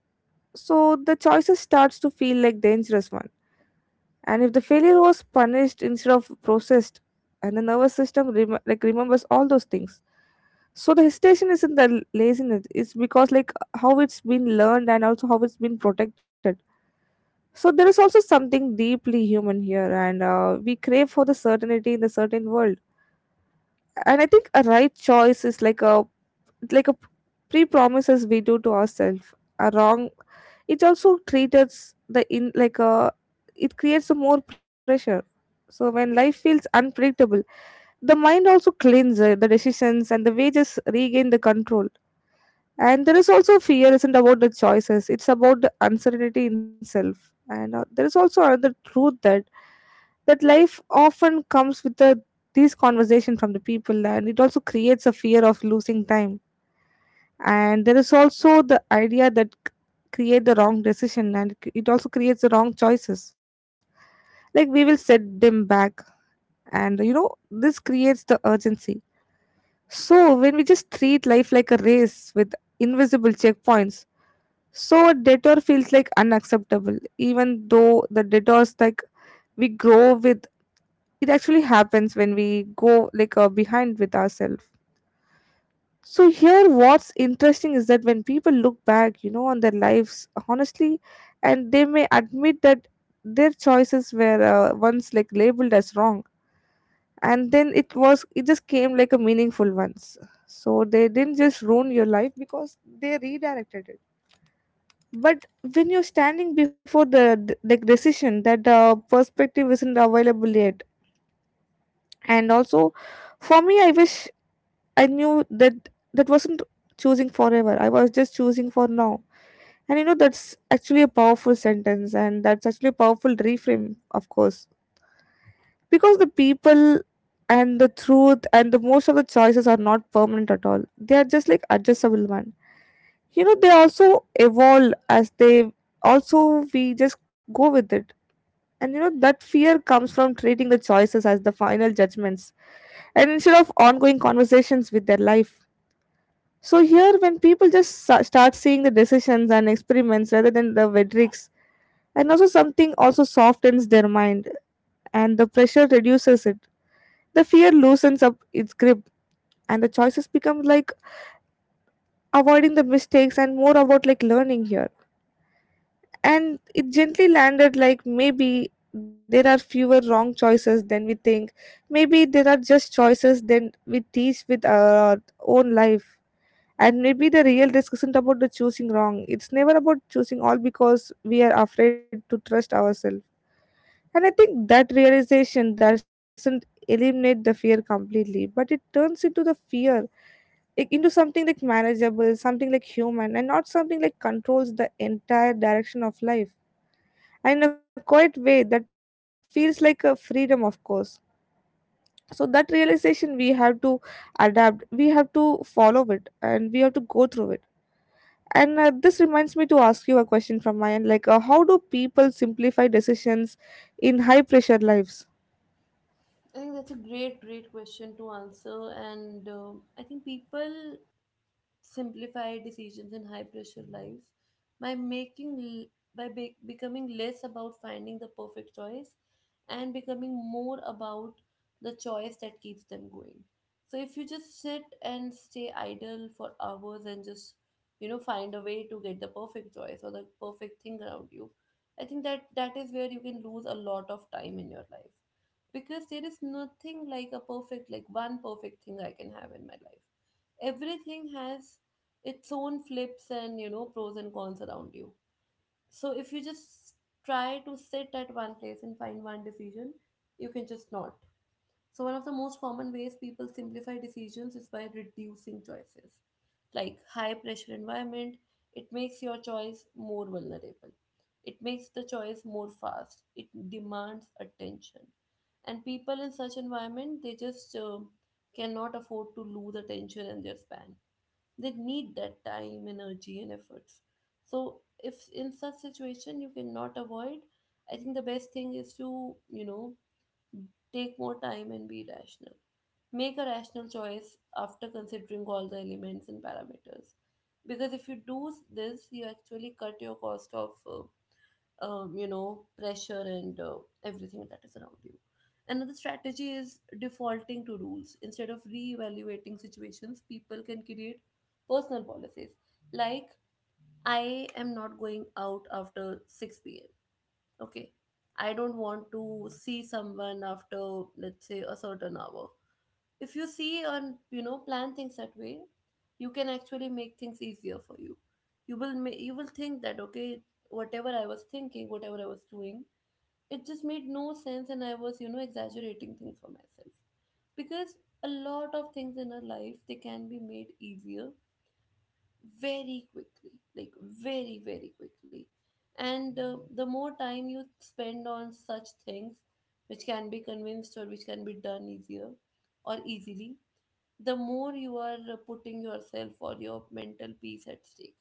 Speaker 2: so the choices starts to feel like dangerous one. And if the failure was punished instead of processed, and the nervous system like remembers all those things. So the hesitation isn't the laziness. It's because like how it's been learned and also how it's been protected. So there is also something deeply human here, and we crave for the certainty in the certain world. And I think a right choice is like a pre-promises we do to ourselves. A wrong, it also treats the in like a it creates a more pressure. So when life feels unpredictable, the mind also cleans the decisions and the wages regain the control. And there is also fear isn't about the choices, it's about the uncertainty in self. And there is also another truth that that life often comes with the, these conversation from the people, and it also creates a fear of losing time. And there is also the idea that create the wrong decision and it also creates the wrong choices. Like we will set them back, and you know this creates the urgency. So when we just treat life like a race with invisible checkpoints, so a detour feels like unacceptable, even though the detours like we grow with it actually happens when we go like behind with ourselves. So here, what's interesting is that when people look back, you know, on their lives honestly, and they may admit that their choices were once like labeled as wrong, and then it was it just came like a meaningful ones. So they didn't just ruin your life because they redirected it. But when you're standing before the like decision that perspective isn't available yet. And also for me I wish I knew that that wasn't choosing forever, I was just choosing for now. And you know that's actually a powerful sentence, and that's actually a powerful reframe, of course, because the people and the truth and the most of the choices are not permanent at all, they are just like adjustable one. You know they also evolve as they also we just go with it. And you know, that fear comes from treating the choices as the final judgments and instead of ongoing conversations with their life. So, here, when people just start seeing the decisions and experiments rather than the verdicts, and also something also softens their mind and the pressure reduces it. The fear loosens up its grip, and the choices become like avoiding the mistakes and more about like learning here. And it gently landed like maybe there are fewer wrong choices than we think. Maybe there are just choices than we teach with our own life. And maybe the real risk isn't about the choosing wrong. It's never about choosing all because we are afraid to trust ourselves. And I think that realization doesn't eliminate the fear completely, but it turns into the fear like into something like manageable, something like human, and not something like controls the entire direction of life. And in a quiet way that feels like a freedom, of course. So that realization we have to adapt, we have to follow it, and we have to go through it. And this reminds me to ask you a question from my end, like how do people simplify decisions in high pressure lives?
Speaker 1: I think that's a great, great question to answer, and I think people simplify decisions in high pressure lives by making l- by be- becoming less about finding the perfect choice and becoming more about the choice that keeps them going. So if you just sit and stay idle for hours and just find a way to get the perfect choice or the perfect thing around you, I think that that is where you can lose a lot of time in your life, because there is nothing like one perfect thing I can have in my life. Everything has its own flips and, pros and cons around you. So if you just try to sit at one place and find one decision, you can just not. So one of the most common ways people simplify decisions is by reducing choices. Like, high pressure environment, it makes your choice more vulnerable, it makes the choice more fast, it demands attention. And people in such environment, they just cannot afford to lose attention and their span. They need that time, energy and efforts. So if in such situation you cannot avoid, I think the best thing is to, you know take more time and be rational. Make a rational choice after considering all the elements and parameters, because if you do this, you actually cut your cost of pressure and everything that is around you. Another strategy is defaulting to rules instead of reevaluating situations. People can create personal policies, like, I am not going out after 6 p.m. Okay, I don't want to see someone after, let's say, a certain hour. If you see and, plan things that way, you can actually make things easier for you. You will you will think that, okay, whatever I was thinking, whatever I was doing, it just made no sense, and I was, exaggerating things for myself. Because a lot of things in our life, they can be made easier very quickly. Like, very very quickly. And the more time you spend on such things which can be convinced or which can be done easier or easily, the more you are putting yourself or your mental peace at stake.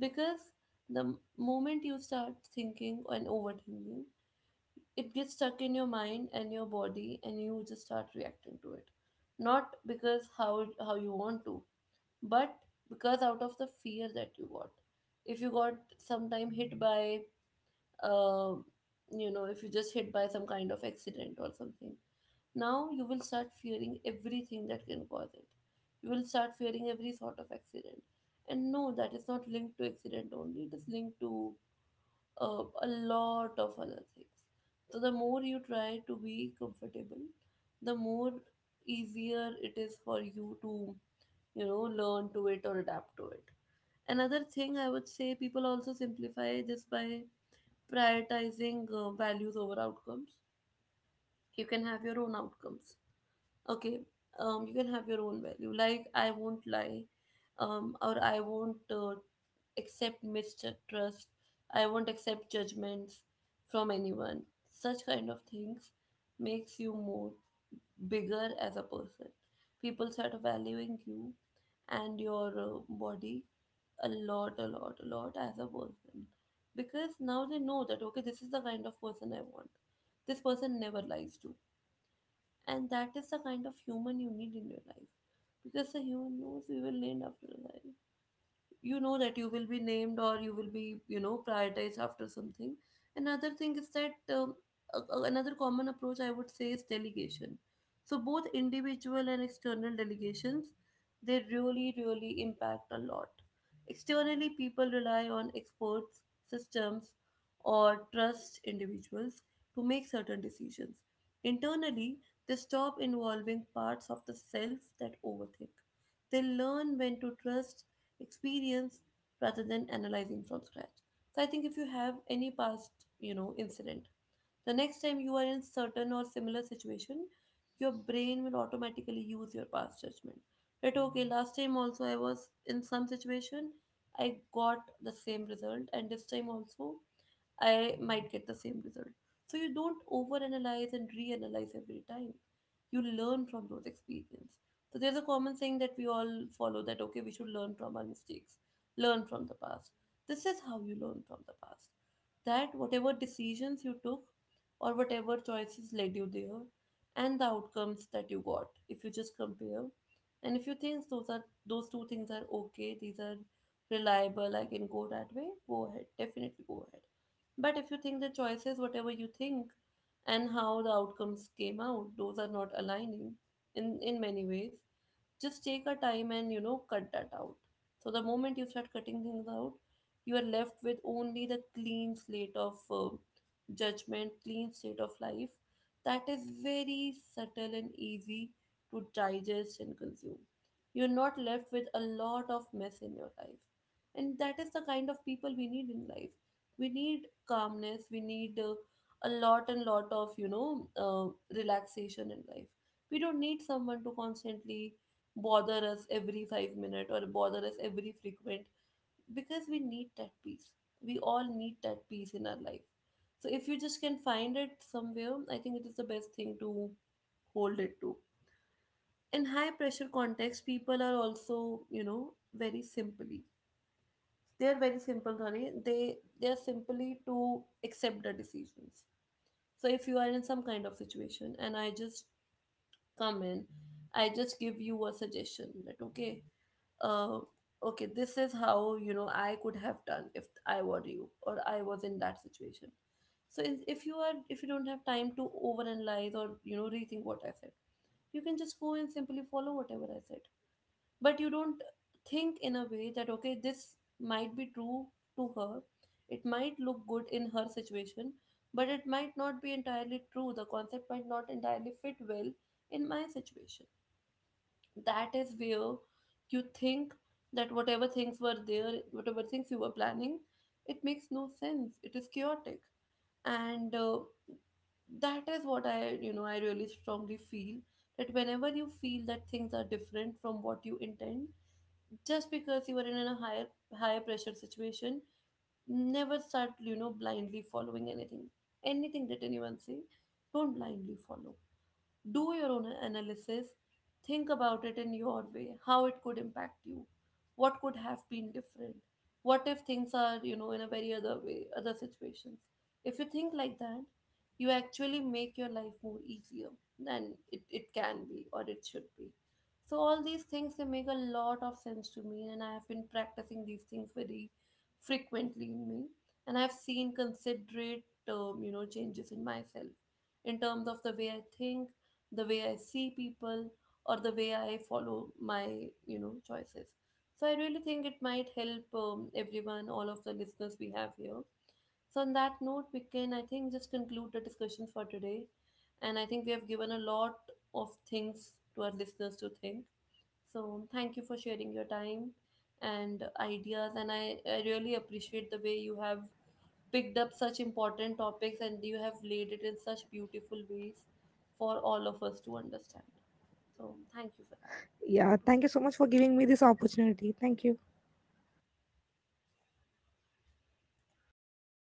Speaker 1: Because the moment you start thinking and overthinking, it gets stuck in your mind and your body, and you just start reacting to it. Not because how you want to, but because out of the fear that you got. If you got sometime hit by uh, if you just hit by some kind of accident or something, now you will start fearing everything that can cause it. You will start fearing every sort of accident. And no, that is not linked to accident only, it is linked to a lot of other things. So the more you try to be comfortable, the more easier it is for you to, you know, learn to it or adapt to it. Another thing I would say, people also simplify this by prioritizing values over outcomes. You can have your own outcomes. Okay, you can have your own value. Like I won't lie, or I won't accept mistrust. I won't accept judgments from anyone. Such kind of things makes you more bigger as a person. People start valuing you and your body a lot, a lot, a lot as a person, because now they know that okay, this is the kind of person I want. This person never lies to, and that is the kind of human you need in your life, because the human knows we will end after life. You know that you will be named or you will be, you know, prioritized after something. Another thing is that another common approach I would say is delegation. So both individual and external delegations, they really really impact a lot. Externally, people rely on experts, systems, or trust individuals to make certain decisions. Internally, they stop involving parts of the self that overthink. They learn when to trust experience rather than analyzing from scratch. So I think if you have any past, you know, incident, the next time you are in certain or similar situation, your brain will automatically use your past judgment. That okay, last time also I was in some situation, I got the same result, and this time also I might get the same result. So you don't overanalyze and reanalyze every time. You learn from those experience. So there's a common saying that we all follow, that okay, we should learn from our mistakes, learn from the past. This is how you learn from the past. That whatever decisions you took or whatever choices led you there and the outcomes that you got, if you just compare and if you think those are, those two things are okay, these are reliable, I can go that way, go ahead. Definitely go ahead. But if you think the choices, whatever you think, and how the outcomes came out, those are not aligning in many ways, just take a time and, you know, cut that out. So the moment you start cutting things out, you are left with only the clean slate of judgment, clean slate of life that is very subtle and easy to digest and consume. You're not left with a lot of mess in your life, and that is the kind of people we need in life. We need calmness, we need a lot and lot of, you know, relaxation in life. We don't need someone to constantly bother us every 5 minutes or bother us every frequent, because we need that peace. We all need that peace in our life. So if you just can find it somewhere, I think it is the best thing to hold it to. In high pressure context, people are also, you know, very simply. They are very simple, sorry. They are simply to accept the decisions. So if you are in some kind of situation and I just come in, I just give you a suggestion that okay, uh, okay, this is how, you know, I could have done if I were you or I was in that situation. So if you are, if you don't have time to overanalyze or, you know, rethink what I said, you can just go and simply follow whatever I said. But you don't think in a way that okay, this might be true to her, it might look good in her situation, but it might not be entirely true, the concept might not entirely fit well in my situation. That is where you think that whatever things were there, whatever things you were planning, it makes no sense, it is chaotic. And that is what I, you know, I really strongly feel, that whenever you feel that things are different from what you intend, just because you are in a higher pressure situation, never start, you know, blindly following anything, anything that anyone say. Don't blindly follow. Do your own analysis, think about it in your way, how it could impact you, what could have been different, what if things are, you know, in a very other way, other situations. If you think like that, you actually make your life more easier than it can be or it should be. So all these things, they make a lot of sense to me, and I have been practicing these things very frequently in me, and I've seen considerate you know, changes in myself in terms of the way I think, the way I see people, or the way I follow my, you know, choices. So I really think it might help everyone, all of the listeners we have here. So on that note, we can, I think, just conclude the discussion for today. And I think we have given a lot of things to our listeners to think. So thank you for sharing your time and ideas. And I really appreciate the way you have picked up such important topics and you have laid it in such beautiful ways for all of us to understand. So, thank you for that.
Speaker 2: Yeah, thank you so much for giving me this opportunity. Thank you.